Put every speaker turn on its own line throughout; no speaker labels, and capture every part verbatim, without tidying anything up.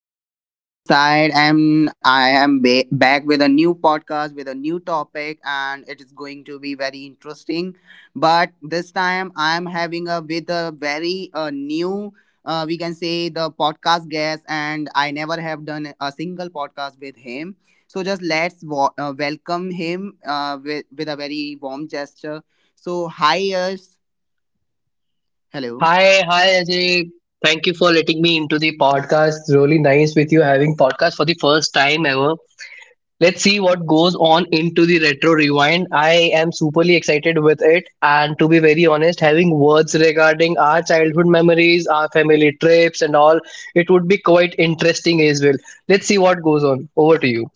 listeners, Ajay this side, and I am ba- back with a new podcast with a new topic, and it is going to be very interesting. But this time, I am having a with a very uh, new, uh, we can say the podcast guest, and I never have done a single podcast with him. So, just let's wa- uh, welcome him uh, with with a very warm gesture. So, hi, Yash. Hello.
Hi, hi Ajay. Thank you for letting me into the podcast. Really nice with you having podcast for the first time ever. Let's see what goes on into the retro rewind. I am superly excited with it and to be very honest, having words regarding our childhood memories, our family trips and all, it would be quite interesting as well. Let's see what goes on. Over to you.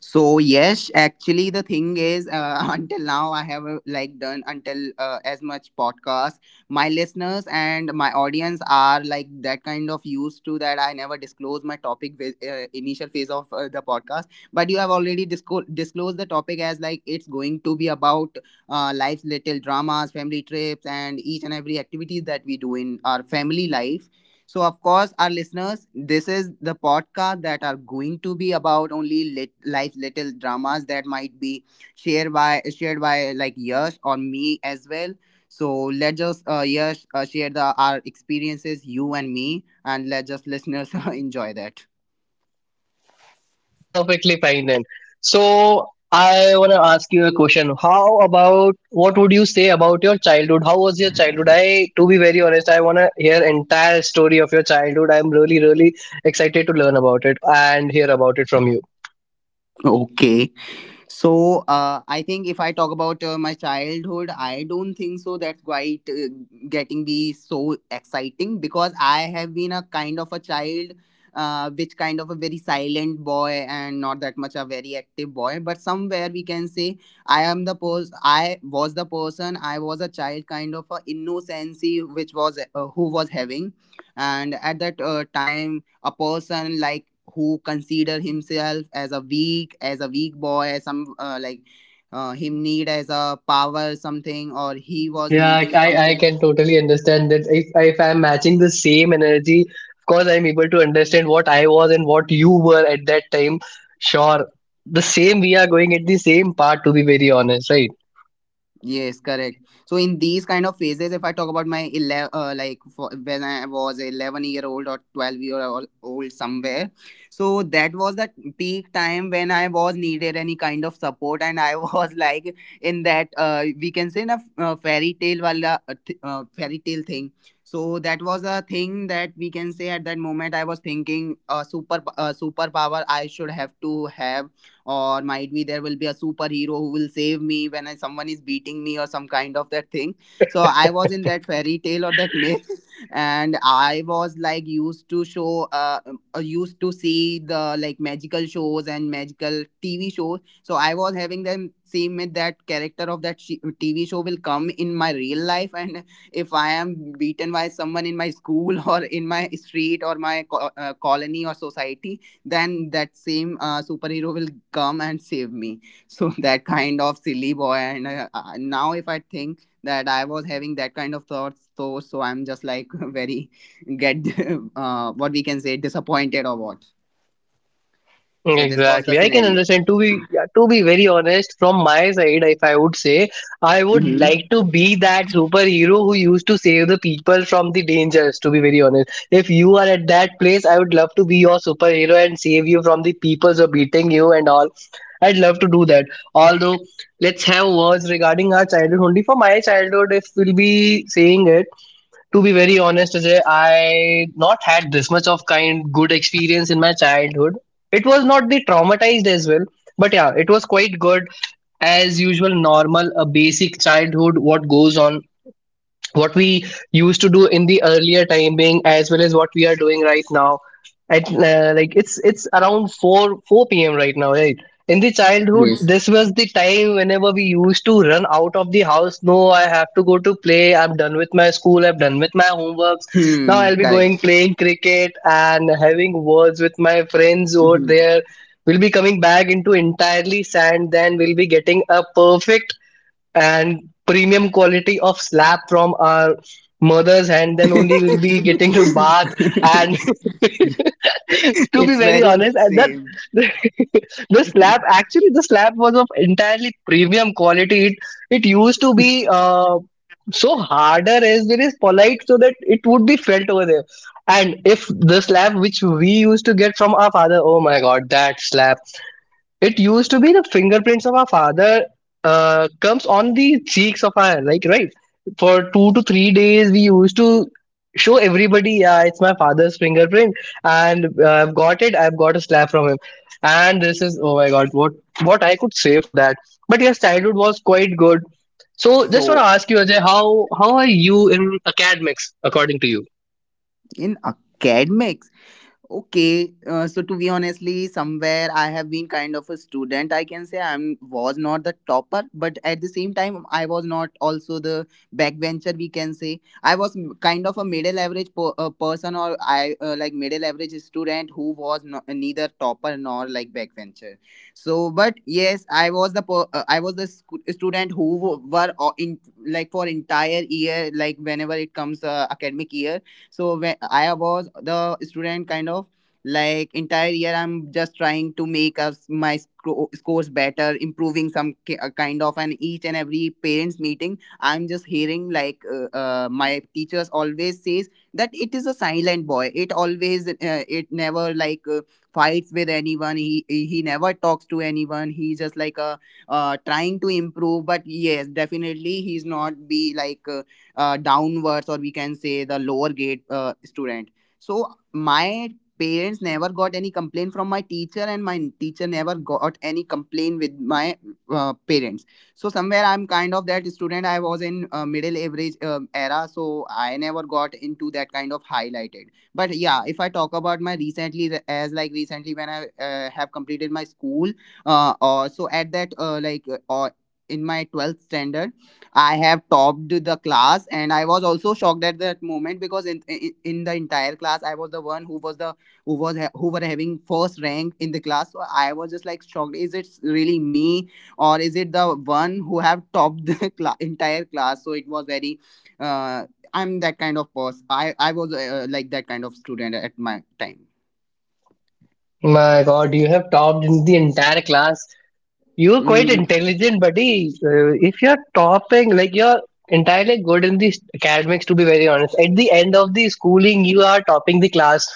so yes, actually, the thing is uh, until now I have uh, like done until uh, as much podcast. My listeners and my audience are like that kind of used to that I never disclose my topic with uh, initial phase of uh, the podcast, but you have already disco- disclosed the topic as like it's going to be about uh, life's little dramas, family trips, and each and every activities that we do in our family life. So, of course, our listeners, this is the podcast that are going to be about only lit, life little dramas that might be shared by shared by like Yash or me as well. So let us uh, Yash uh, share the our experiences, you and me, and let just listeners enjoy that.
Perfectly fine then. So I want to ask you a question. How about what would you say about your childhood? How was your childhood? I, to be very honest, I want to hear entire story of your childhood. I'm really, really excited to learn about it and hear about it from you.
Okay. So uh, I think if I talk about uh, my childhood, I don't think so. That's quite uh, getting be so exciting because I have been a kind of a child, uh, which kind of a very silent boy and not that much a very active boy. But somewhere we can say I am the pers- I was the person. I was a child, kind of a innocency, which was uh, who was having, and at that uh, time a person like who consider himself as a weak as a weak boy as some uh, like uh, him need as a power something, or he was
Yeah, I,
needing
I I
something.
can totally understand that. If, if I'm matching the same energy, of course, I'm able to understand what I was and what you were at that time. Sure, the same, we are going at the same part, to be very honest, right?
Yes, correct. So in these kind of phases, if I talk about my eleven, uh, like for, when I was eleven year old or twelve year ol- old somewhere, so that was the peak time when I was needed any kind of support, and I was like in that uh, we can say in a uh, fairy tale wala uh, th- uh, fairy tale thing. So that was a thing that we can say at that moment I was thinking uh, super uh, superpower I should have to have, or might be there will be a superhero who will save me when I, someone is beating me or some kind of that thing. So I was in that fairy tale or that myth and I was like used to show uh, um, uh, used to see the like magical shows and magical TV shows. So I was having the same myth that character of that sh- TV show will come in my real life, and if I am beaten by someone in my school or in my street or my co- uh, colony or society, then that same uh, superhero will come and save me. So that kind of silly boy, and uh, uh, now if I think that I was having that kind of thoughts, so so I'm just like very get uh, what we can say disappointed, or what? So this was the
Exactly. I can
scenario.
understand to be yeah, to be very honest from my side, if I would say I would
Hmm.
like to be that superhero who used to save the people from the dangers, to be very honest. If you are at that place, I would love to be your superhero and save you from the people who are beating you and all. I'd love to do that. Although, let's have words regarding our childhood. Only for my childhood, if we'll be saying it, to be very honest, Ajay, I not had this much of kind good experience in my childhood. It was not the traumatized as well, but yeah, it was quite good as usual, normal, a basic childhood. What goes on, what we used to do in the earlier timing as well as what we are doing right now, at uh, like it's it's around four four p.m right now, right. In the childhood,
Yes.
this was the time whenever we used to run out of the house. No, I have to go to play, I'm done with my school, I'm done with my homeworks. Now
Hmm,
I'll be going
correct.
playing cricket and having words with my friends over
Mhm.
there. We'll be coming back into entirely sand, then we'll be getting a perfect and premium quality of slab from our mother's hand, then only we'll be getting to bath. And to be
It's
very
very
honest, and that
same.
the slab, actually the slab was of entirely premium quality. it it used to be uh, so harder as well as polite, so that it would be felt over there. And if the slab which we used to get from our father, oh my god, that slab, it used to be the fingerprints of our father, uh, comes on the cheeks of our, like, right. For two to three days we used to show everybody, yeah, it's my father's fingerprint, and uh, I've got it, I've got a slap from him, and this is, oh my god, what what I could say for that. But yes, childhood was quite good. So just want to
So
ask you, Ajay, how how are you in academics according to you?
in academics, okay, uh, so to be honestly, somewhere I have been kind of a student. I can say I am was not the topper, but at the same time, I was not also the backbencher. We can say I was m- kind of a middle average per, uh, person, or I uh, like middle average student who was no, uh, neither topper nor like backbencher. So, but yes, I was the per, uh, I was the sc- student who w- were o- in like for entire year, like whenever it comes uh, academic year. So when I was the student kind of like entire year, I'm just trying to make us my scro- scores better, improving some ki- uh, kind of, and each and every parents meeting I'm just hearing like uh, uh, my teachers always says that it is a silent boy. It always uh, it never like uh, fights with anyone. He he he never talks to anyone. He's just like a uh, trying to improve, but yes, definitely he's not be like uh, uh, downwards, or we can say the lower grade uh, student. So my parents never got any complaint from my teacher, and my teacher never got any complaint with my uh, parents. So somewhere I'm kind of that student. I was in uh, middle average um era, so I never got into that kind of highlighted. But yeah, if I talk about my recently, as like recently when I uh, have completed my school, uh, or so at that uh, like uh, or in my twelfth standard, I have topped the class, and I was also shocked at that moment because in, in in the entire class, I was the one who was the who was ha- who were having first rank in the class. So I was just like shocked. Is it really me, or is it the one who have topped the cla- entire class? So it was very. Uh, I'm that kind of person. I I was uh, like that kind of student at my time.
My god, you have topped in the entire class. You're quite
Mm.
intelligent, buddy. Uh, if you're topping, like, you're entirely good in the academics, to be very honest. At the end of the schooling, you are topping the class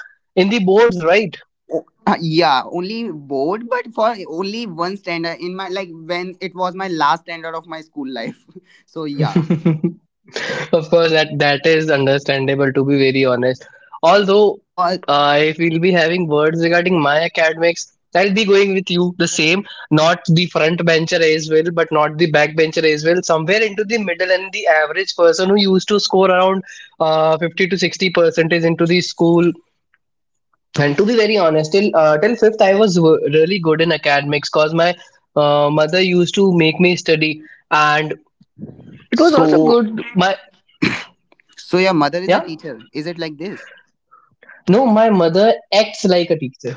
in the boards, right?
Uh, yeah, only board, but for only one standard in my like when it was my last standard of my school life. So yeah,
Of course, that that is understandable, to be very honest. Although,
because
uh, if we'll be having words regarding my academics, I'll be going with you the same. Not the front bencher as well, but not the back bencher as well. Somewhere into the middle, and the average person who used to score around uh, fifty to sixty percentage into the school. And to be very honest, till uh, till fifth, I was w- really good in academics because my uh, mother used to make me study, and it was also
so
good. My.
so your mother is a
Yeah.
teacher. Is it like this?
No, my mother acts like a teacher.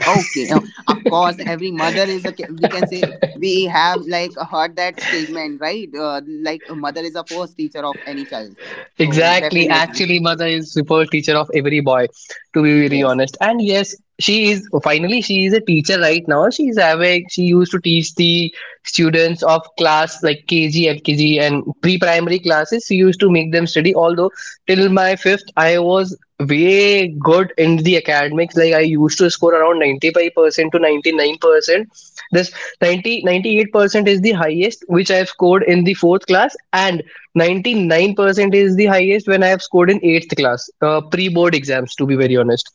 Okay, uh, of course, every mother is a. ca- We can say we have like heard that statement, right? Uh, like a mother is a first teacher of any child. So
Exactly.
definitely
Actually, mother is super teacher of every boy, to be very
yes.
honest. And yes, she is finally, she is a teacher right now. She is having she used to teach the students of class like K G, L K G, and pre-primary classes. She used to make them study. Although, till my fifth, I was way good in the academics. Like, I used to score around ninety-five percent to ninety-nine percent. This ninety ninety-eight percent is the highest which I have scored in the fourth class, and ninety-nine percent is the highest when I have scored in eighth class uh, pre board exams, to be very honest.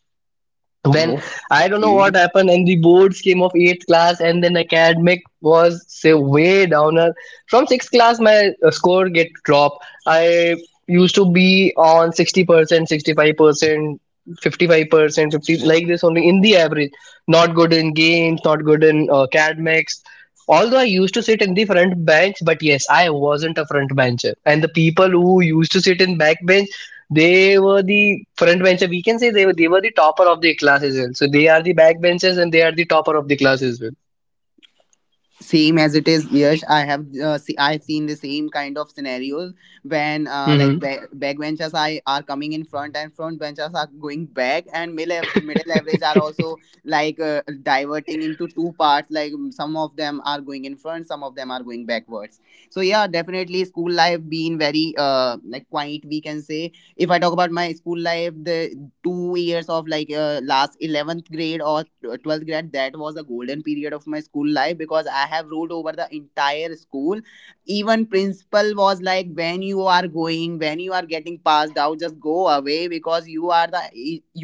Then I don't know what
Okay.
happened, and the boards came of eighth class, and then academic was say way downer. From sixth class, my uh, score get drop. I used to be on sixty percent, sixty five percent, fifty five percent, fifty, like this only in the average. Not good in games, not good in uh, academics. Although I used to sit in the front bench, but yes, I wasn't a front bencher. And the people who used to sit in back bench, they were the front bencher. We can say they were they were the topper of their class as well. So they are the backbenchers, and they are the topper of the class as well.
Same as it is. Yes, I have uh, see, I've seen the same kind of scenarios when uh, like ba- backbenchers are are coming in front, and front benchers are going back, and middle, middle average are also like uh, diverting into two parts, like some of them are going in front, some of them are going backwards. So yeah, definitely school life being very uh, like quiet, we can say. If I talk about my school life, the two years of like uh, last eleventh grade or twelfth grade, that was a golden period of my school life because I have ruled over the entire school. Even principal was like, when you are going, when you are getting passed out, just go away because you are the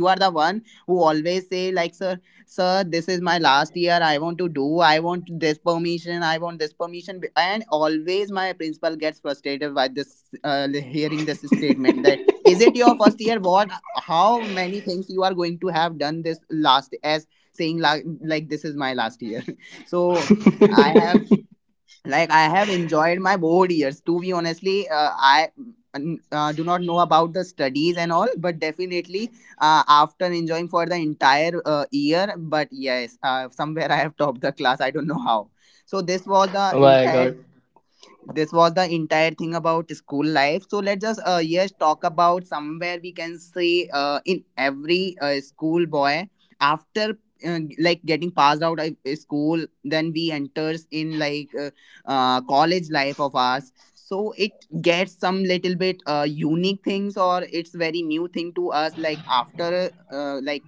you are the one who always say like, sir, sir, this is my last year, I want to do, I want this permission, I want this permission. And always my principal gets frustrated by this uh, hearing this statement that, is it your first year? What, how many things you are going to have done? This last, as saying like, like this is my last year. So I
Mm-hmm.
have like I have enjoyed my board years, to be honestly, uh, I n- uh, do not know about the studies and all, but definitely uh, after enjoying for the entire uh, year, but yes, uh, somewhere I have topped the class, I don't know how. So this was the
Oh my
entire,
God.
this was the entire thing about school life. So let's just uh, yes, talk about, somewhere we can say uh, in every uh, school boy, after uh, like getting passed out of uh, school, then we enters in like uh, uh, college life of ours. So it gets some little bit uh, unique things, or it's very new thing to us, like after uh, like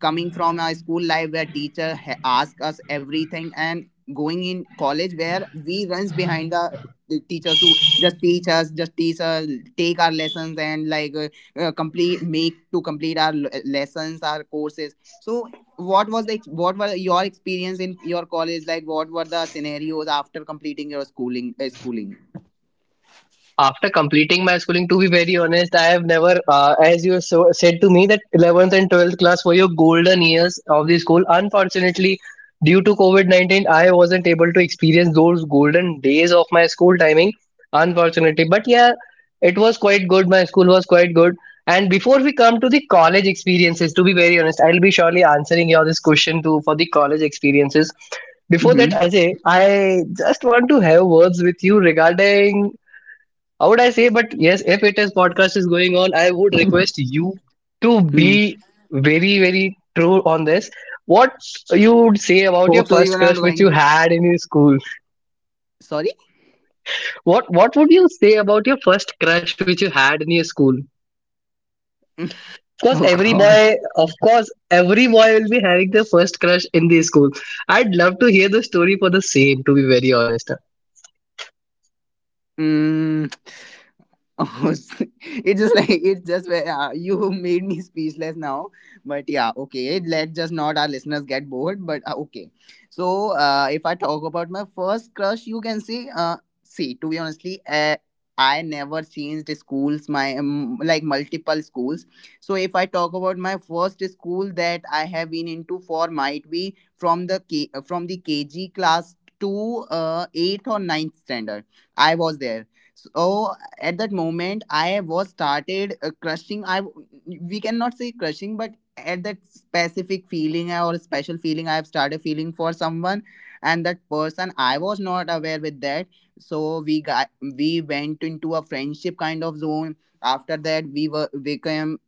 coming from a school life where teacher ha- ask us everything, and going in college where we runs behind the the teachers to just teach us, just teach us, take our lessons, and like uh, uh, complete make to complete our l- lessons, our courses. So what was the ex- what were your experience in your college, like what were the scenarios after completing your schooling, uh, schooling
After completing my schooling, to be very honest, I have never, uh, as you so said to me, that eleventh and twelfth class were your golden years of the school. Unfortunately, due to COVID nineteen, I wasn't able to experience those golden days of my school timing, unfortunately. But yeah, it was quite good, my school was quite good. And before we come to the college experiences, to be very honest, I'll be surely answering your this question too for the college experiences. Before
mm-hmm.
that, Ajay, I just want to have words with you regarding, how would I say? But yes, if it is podcast is going on, I would request you to
Mm.
be very, very true on this. What you would say about your
Hope so
first
you're not
crush which you
going.
had in your school?
Sorry.
What What would you say about your first crush which you had in your school? Of course,
Oh
every
god.
boy, of course, every boy will be having their first crush in the school. I'd love to hear the story for the same. To be very honest,
Mm. Almost it just like it just where, uh, you made me speechless now. But yeah, okay, let just not our listeners get bored, but uh, okay. So uh, if I talk about my first crush, you can see, uh, see to be honestly, uh, I never changed schools, my um, like multiple schools. So if I talk about my first school that I have been into for, might be, from the K- from the kg class to uh, eighth or ninth standard, I was there. So at that moment, I was started, uh, crushing, I we cannot say crushing, but at that specific feeling or special feeling, I have started feeling for someone. And that person, I was not aware with that. So we got we went into a friendship kind of zone. After that, we were became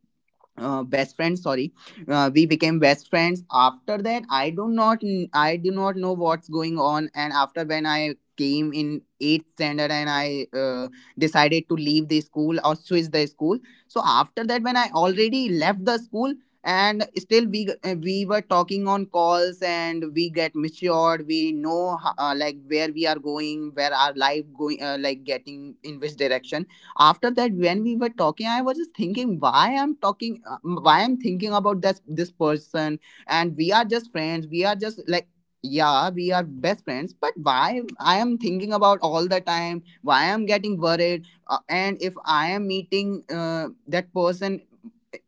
uh, best friends. Sorry, uh, we became best friends. After that, i do not I do not know what's going on. And after, when I came in eighth standard, and I, uh, decided to leave the school or switch the school. So after that, when I already left the school, and still we g- uh, we were talking on calls, and we get matured, we know, ho- uh, like where we are going, where our life going, uh, like getting in which direction. After that, when we were talking, I was just thinking, why I'm talking, uh, why I'm thinking about this this person. And we are just friends, we are just like, yeah, we are best friends, but why I am thinking about all the time, why I'm getting worried, uh, and if I am meeting, uh, that person.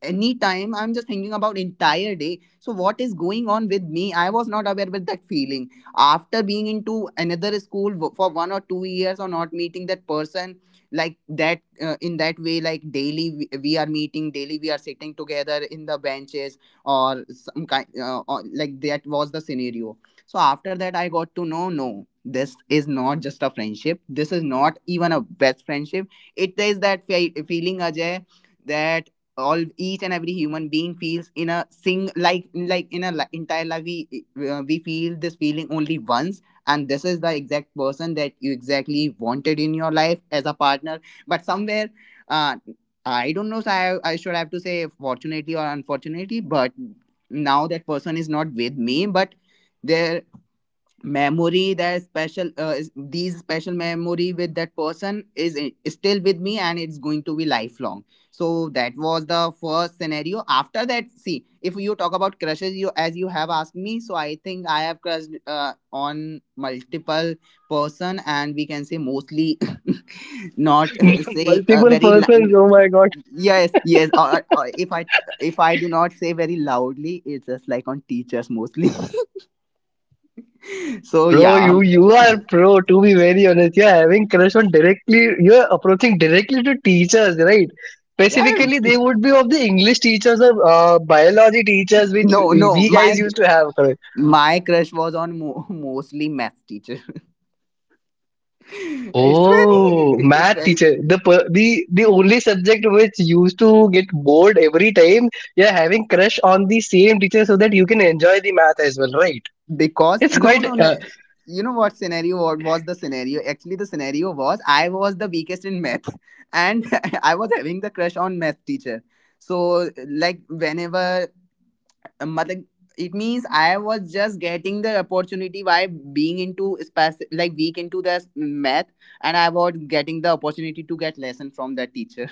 Anytime I'm just thinking about entire day. So what is going on with me? I was not aware with that feeling. After being into another school, w- for one or two years, or not meeting that person like that, uh, in that way, like daily we, we are meeting, daily we are sitting together in the benches, or some kind, uh, or, like that was the scenario. So after that, I got to know, no, this is not just a friendship, this is not even a best friendship. It is that fe- feeling, Ajay. That all each and every human being feels in a sing like like in a li- entire life, we uh, we feel this feeling only once. And this is the exact person that you exactly wanted in your life as a partner. But somewhere, uh, I don't know, so I, I should have to say, fortunately or unfortunately, but now that person is not with me. But there memory, that special, uh, is- these special memory with that person is i- still with me, and it's going to be lifelong. So that was the first scenario. After that, see, if you talk about crushes, you, as you have asked me, so I think I have crushed, uh, on multiple person, and we can say mostly. Not, uh, say, uh,
multiple
very
persons.
lou-.
Oh my god.
Yes, yes, or, or if i if i do not say very loudly, it's just like on teachers mostly. So
Bro,
yeah.
you you are pro. To be very honest, you are having crush on directly. You are approaching directly to teachers, right?
Yeah.
Specifically, they would be of the English teachers or uh, biology teachers, which
No, no,
we guys
my
used to have. Correct?
my crush was on mo- mostly math teacher. it's
Oh,
very, it's
math
very
teacher, the per- the the only subject which used to get bored every time. You are having crush on the same teacher so that you can enjoy the math as well, right?
because
It's
no, no,
quite
no.
uh,
You know what scenario? What was the scenario? Actually, the scenario was, I was the weakest in math, and I was having the crush on math teacher. So, like whenever, mother, it means I was just getting the opportunity by being into spec- like weak into the math, and I was getting the opportunity to get lesson from the teacher.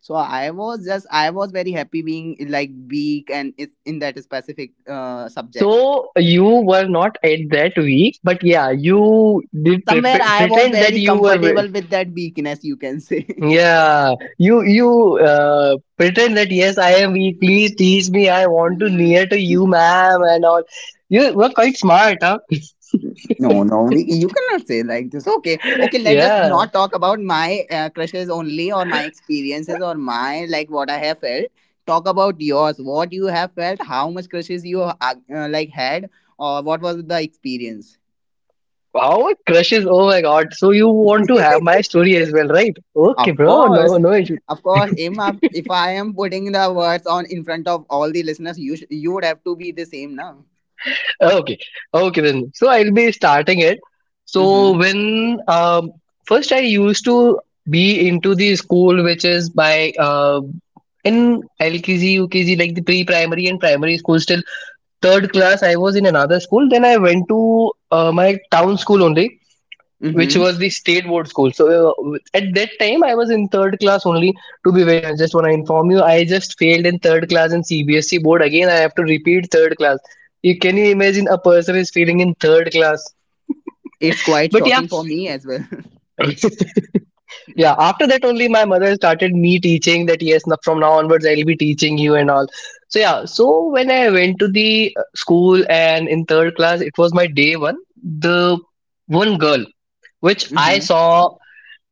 So I was just I was very happy being like weak and is- in that specific, uh, subject.
So you were not at that week, but yeah, you did
Somewhere
pre-
I was
pretend that
very
you were weak.
comfortable with that weakness, you can say.
Yeah, you you uh, pretend that yes, I am weak. Please teach me. I want to near to you, ma'am, and all. You were quite smart, huh?
No, no, we, you cannot say like this. Okay, okay. Let's just
Yeah.
not talk about my, uh, crushes only, or my experiences, or my like what I have felt. Talk about yours. What you have felt, how much crushes you, uh, uh, like had, or what was the experience?
Wow, crushes. Oh my God. So you want to have my story as well, right? Okay,
Of
bro. No,
course,
no issue.
of course. Im, If if I am putting the words on in front of all the listeners, you sh- you would have to be the same now.
Okay, okay then. So I'll be starting it. So
Mm-hmm.
when um, first I used to be into the school, which is by uh, in L K G, like the pre-primary and primary school. Still third class, I was in another school. Then I went to uh, my town school only, which
Mm-hmm.
was the state board school. So uh, at that time, I was in third class only. To be very honest, just want to inform you, I just failed in third class in C B S E board. Again, I have to repeat third class. You can you imagine a person is failing in third class?
It's quite
But yeah,
shocking for me as well.
yeah. After that only, my mother started me teaching that yes, now- from now onwards, I'll be teaching you and all. So yeah. So when I went to the uh, school, and in third class, it was my day one. The one girl which I
Mm-hmm.
saw,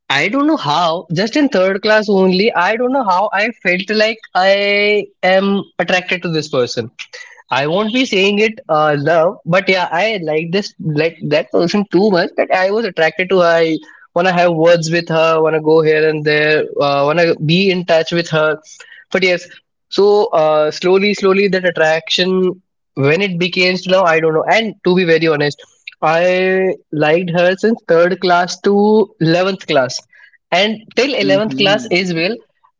I don't know how, just in third class only, I don't know how I felt like I am attracted to this person. I won't be saying it uh, love, but yeah, I like this, like that person too much that I was attracted to her. I wanna have words with her, wanna go here and there, uh, wanna be in touch with her. But yes, so uh, slowly, slowly, that attraction, when it became love, I don't know. And to be very honest, I liked her since third class to eleventh class, and till eleventh class
Mm-hmm.
as well.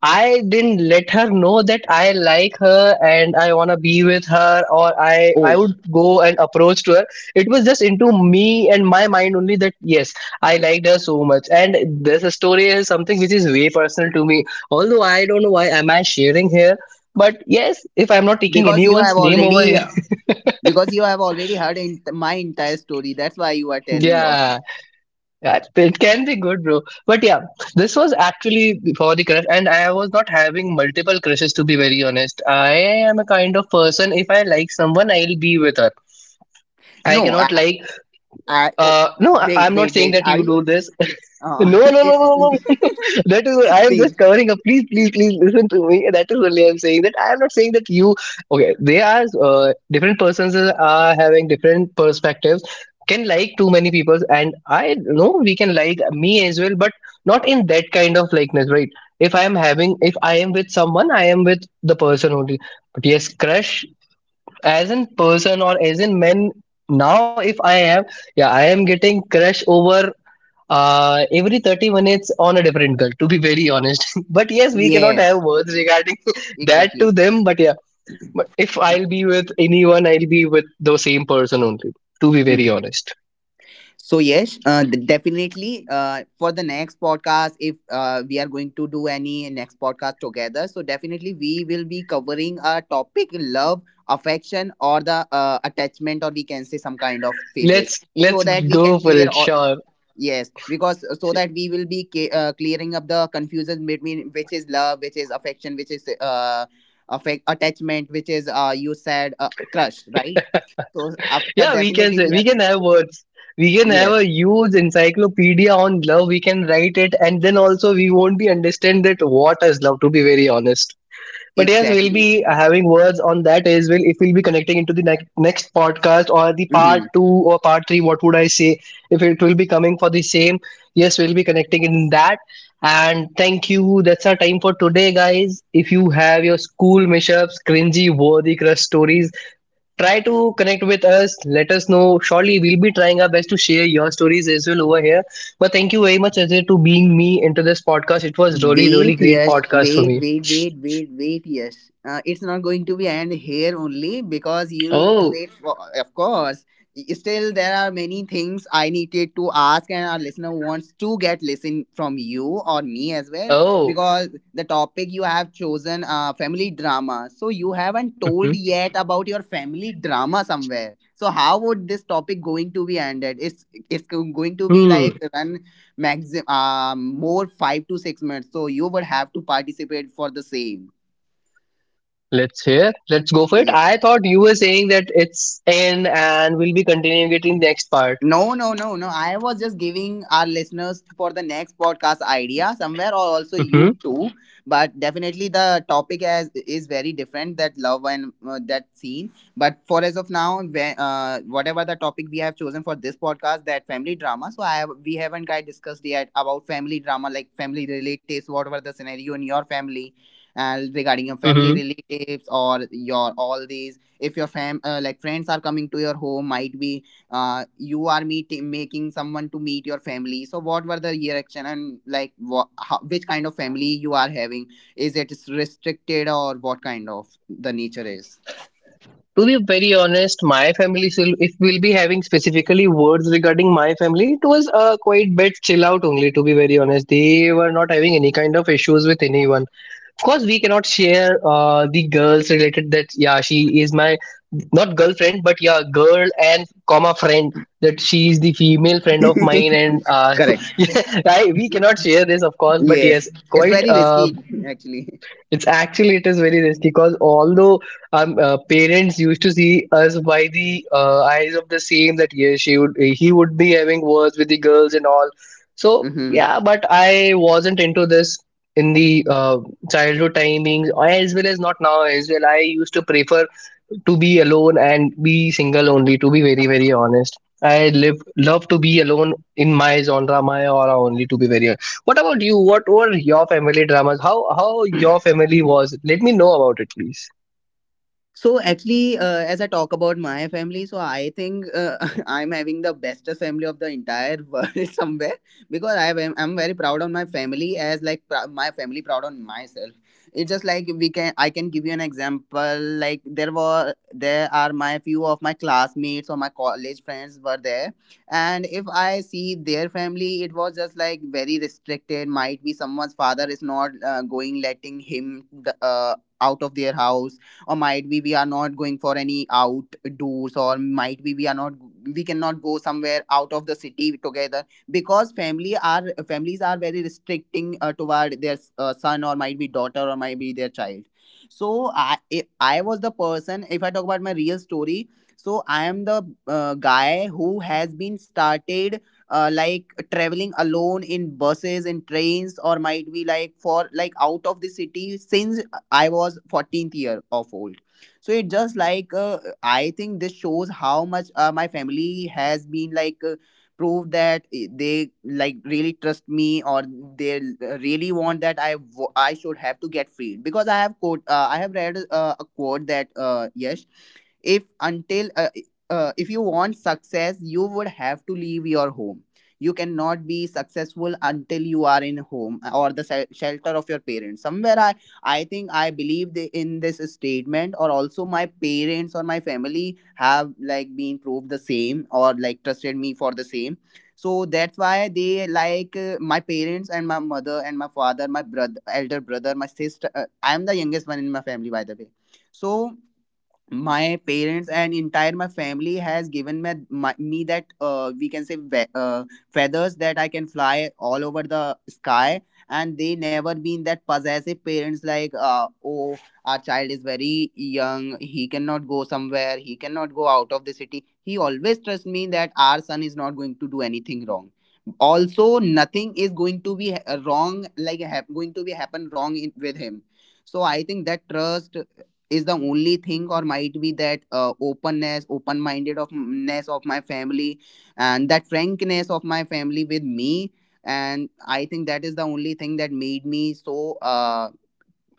I didn't let her know that I like her and I wanna be with her, or I I would
Oh,
go and approach to her. It was just into me and my mind only that yes, I liked her so much. And this story is something which is way personal to me. Although I don't know why am I sharing here. But yes, if I'm not taking
because you
anyone's
have
name over
already
here.
because you have already heard in my entire story. That's why you are telling yours.
Yeah. Yeah, it can be good, bro. But yeah, this was actually for the crush, and I was not having multiple crushes to be very honest. I am a kind of person. If I like someone, I'll be with her. I
No, I,
cannot like.
I oh,
Uh, no, I-
wait,
I'm not
wait,
saying
wait.
that
Are
you
you?
do this.
Uh,
No, no, no,
yeah.
no, no. That is, I am
See,
just covering up. Please, please, please listen to me. That is only I am saying that I am not saying that you. Okay, they are uh, different persons are having different perspectives. Can like too many people, and I know we can like me as well, but not in that kind of likeness, right? If I am having, if I am with someone, I am with the person only. But yes, crush as in person or as in men. Now, if I am, yeah, I am getting crush over uh every thirty minutes on a different girl to be very honest. But yes, we cannot
yes,
have words regarding that to
exactly.
them. But yeah, but if I'll be with anyone, I'll be with the same person only, to be very
Mm.
honest.
So yes, uh, d- definitely. Uh, for the next podcast, if uh, we are going to do any next podcast together, so definitely we will be covering a topic: love, affection, or the, uh, attachment, or we can say some kind of phases,
let's
so
let's
that we can
go for
clear
it,
all.
sure.
Yes, because, uh, so that we will be ca- uh, clearing up the confusion between which is love, which is affection, which is, uh, affect attachment, which is, uh, you said, uh, crush, right? So after,
Yeah, we can
definitely
say,
we are,
we can have words. We can have
yes,
a huge encyclopedia on love. We can write it and then also we won't be understand that what is love, to be very honest. But yes, we'll be
exactly.
uh, having words on that as well. If we'll be connecting into the ne- next podcast or the part
Mm-hmm.
two or part three, what would I say? If it will be coming for the same, yes, we'll be connecting in that. And thank you. That's our time for today, guys. If you have your school mishaps, cringy, worthy crush stories, try to connect with us. Let us know. Surely we'll be trying our best to share your stories as well over here. But thank you very much, Ajay, to being me into this podcast. It was really,
Wait,
really great
yes,
podcast for
wait,
me.
wait, wait, wait, wait, yes. Uh, it's not going to be end here only, because you need to
Oh,
wait for, of course. Still, there are many things I needed to ask, and our listener wants to get listen from you or me as well,
oh.
because the topic you have chosen, uh, family drama. So you haven't told
Mhm.
yet about your family drama somewhere. So how would this topic going to be ended? It's it's going to be
Hmm.
like run maximum, um, more five to six minutes, so you would have to participate for the same.
Let's hear. Let's go for it.
Yes.
I thought you were saying that it's in and we'll be continuing it in the next part.
No, no, no, no. I was just giving our listeners for the next podcast idea somewhere, or also
Mm-hmm.
you too. But definitely the topic as is very different, that love and, uh, that scene. But for as of now, whe- uh, whatever the topic we have chosen for this podcast, that family drama. So I have, we haven't quite discussed yet about family drama, like family relatives, whatever the scenario in your family? And regarding your family
Mm-hmm.
relatives or your all these, if your fam uh, like friends are coming to your home, might be, uh, you are meeting making someone to meet your family, so what were the reaction, and like what, how, which kind of family you are having? Is it restricted, or what kind of the nature is?
To be very honest, my family, so if we'll be having specifically words regarding my family, it was a quite bit chill out only, to be very honest. They were not having any kind of issues with anyone. Of course we cannot share uh, the girls related that yeah she is my not girlfriend but yeah girl and comma friend, that she is the female friend of mine. And uh,
Correct.
yeah, I, we cannot share this of course, but yes,
Yes, it's
quite
very risky.
uh,
Actually.
it's actually, it is very risky because although um, uh, parents used to see us by the uh, eyes of the same that yeah she would he would be having words with the girls and all. So
Mhm.
yeah, but I wasn't into this in the uh, childhood timings as well as not now as well. I used to prefer to be alone and be single only. To be very very honest, I live love to be alone in my genre, my aura only. To be very, what about you? What were your family dramas? How how your family was? Let me know about it, please.
So actually, uh, as I talk about my family, so I think, uh, I'm having the best family of the entire world somewhere, because I am I'm very proud on my family as like prou- my family proud on myself. It's just like we can I can give you an example. Like there were there are my few of my classmates or my college friends were there, and if I see their family, it was just like very restricted. Might be someone's father is not, uh, going letting him the, uh, out of their house, or might be we are not going for any outdoors, or might be we are not we cannot go somewhere out of the city together, because family are families are very restricting, uh, toward their, uh, son, or might be daughter, or might be their child. So I if I was the person, if I talk about my real story, so I am the, uh, guy who has been started, uh, like traveling alone in buses, in trains, or might be like, for like, out of the city since I was fourteenth year of old. So it just like, uh, I think this shows how much, uh, my family has been like, uh, proved that i- they like really trust me, or they, uh, really want that I w- I should have to get freed, because I have quote, uh, I have read, uh, a quote that, uh, yes, if until uh, uh, if you want success, you would have to leave your home. You cannot be successful until you are in home, uh, or the se- shelter of your parents somewhere. i I think I believe the- in this statement, or also my parents or my family have like been proved the same, or like trusted me for the same. So that's why they like, uh, my parents and my mother and my father, my brother, elder brother, my sister. Uh, I am the youngest one in my family, by the way. So my parents and entire my family has given me my, me that, uh, we can say, ve- uh, feathers that I can fly all over the sky, and they never been that possessive parents like, uh, oh, our child is very young, he cannot go somewhere, he cannot go out of the city. He always trusts me that our son is not going to do anything wrong, also nothing is going to be ha- wrong like hap- going to be happen wrong in, with him. So I think that trust is the only thing, or might be that, uh, openness, open mindedness of my family, and that frankness of my family with me. And I think that is the only thing that made me so, uh,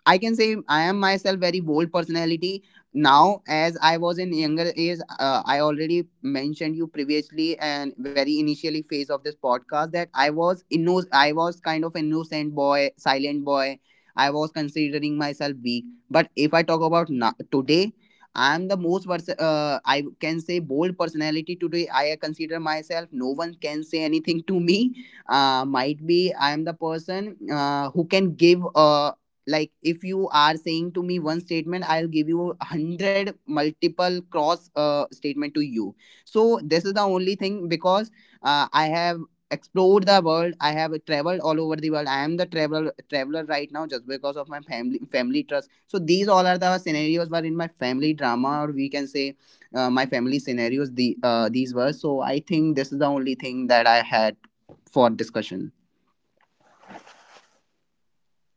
I can say I am myself very bold personality now, as I was in younger age. Uh, I already mentioned you previously and very initially phase of this podcast that I was inno- I was kind of innocent boy, silent boy. I was considering myself weak. But if I talk about now, today, I am the most vers- uh, I can say bold personality today. I consider myself. No one can say anything to me. Uh, might be I am the person uh, who can give a, like if you are saying to me one statement, I'll give you a hundred multiple cross uh, statement to you. So this is the only thing because uh, I have explored the world. I have traveled all over the world. I am the traveler traveler right now just because of my family family trust. So these all are the scenarios were in my family drama, or we can say uh, my family scenarios, the uh, these were. So I think this is the only thing that I had for discussion.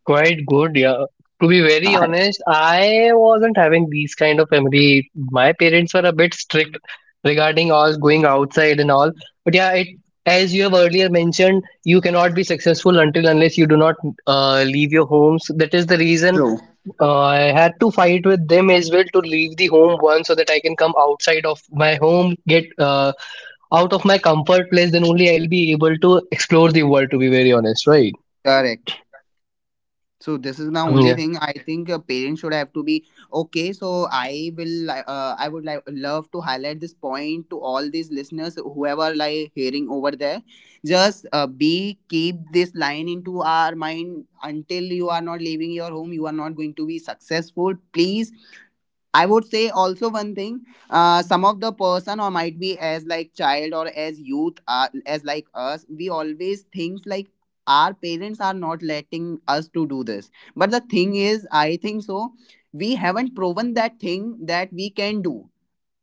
Quite good, yeah. To be very
Uh,
honest, I wasn't having these kind of family. My parents were a bit strict regarding all going outside and all. But yeah, it, as you have earlier mentioned, you cannot be successful until unless you do not uh, leave your homes. That is the reason
True.
uh, I had to fight with them as well to leave the home once so that I can come outside of my home, get uh, out of my comfort place, then only I'll be able to explore the world, to be very honest, right?
Correct. So this is the only
Yeah.
thing I think uh, parents should have to be okay. So I will, li- uh, I would like love to highlight this point to all these listeners, whoever like hearing over there. Just uh, be keep this line into our mind. Until you are not leaving your home, you are not going to be successful. Please, I would say also one thing. Uh, some of the person or might be as like child or as youth, uh, as like us, we always think like our parents are not letting us to do this. But the thing is, I think so, we haven't proven that thing that we can do.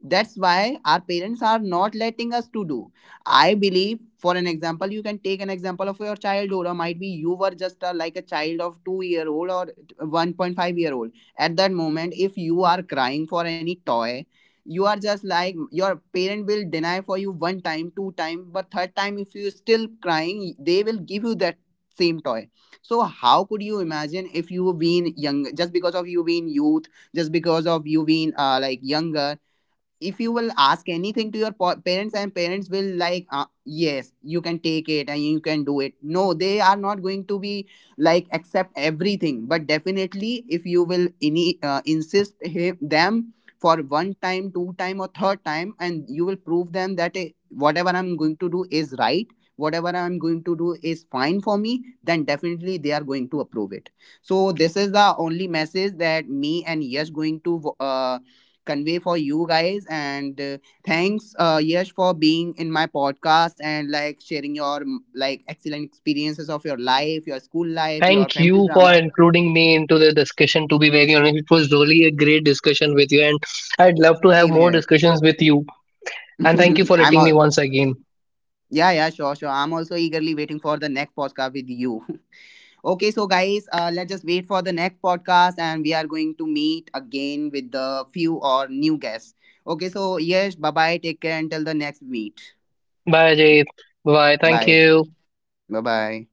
That's why our parents are not letting us to do. I believe, for an example, you can take an example of your childhood, or might be you were just a, like a child of two year old or one point five year old. At that moment, if you are crying for any toy, you are just like, your parent will deny for you one time, two time, but third time, if you still crying, they will give you that same toy. So how could you imagine? If you been young, just because of you being youth, just because of you being uh, like younger, if you will ask anything to your po- parents, and parents will like uh, yes you can take it and you can do it, no, they are not going to be like accept everything. But definitely, if you will ini uh, insist him, them, for one time, two time, or third time, and you will prove them that eh, whatever I'm going to do is right, whatever I'm going to do is fine for me, then definitely they are going to approve it. So this is the only message that me and yes going to uh, convey for you guys. And uh, thanks uh, Yash for being in my podcast and like sharing your mm, like excellent experiences of your life, your school life, your
Thank
family
you for
drama.
including me into the discussion, to be very honest. It was really a great discussion with you, and I'd love to have
Same
more
here.
discussions with you. And thank you for
I'm
letting me
all,
once again.
yeah, yeah, sure, sure. I'm also eagerly waiting for the next podcast with you. Okay, so guys, uh, let's just wait for the next podcast and we are going to meet again with the few or new guests. Okay, so yes, bye bye. Take care until the next meet.
Bye, Ajay. Bye. Thank
Bye.
you.
Bye bye.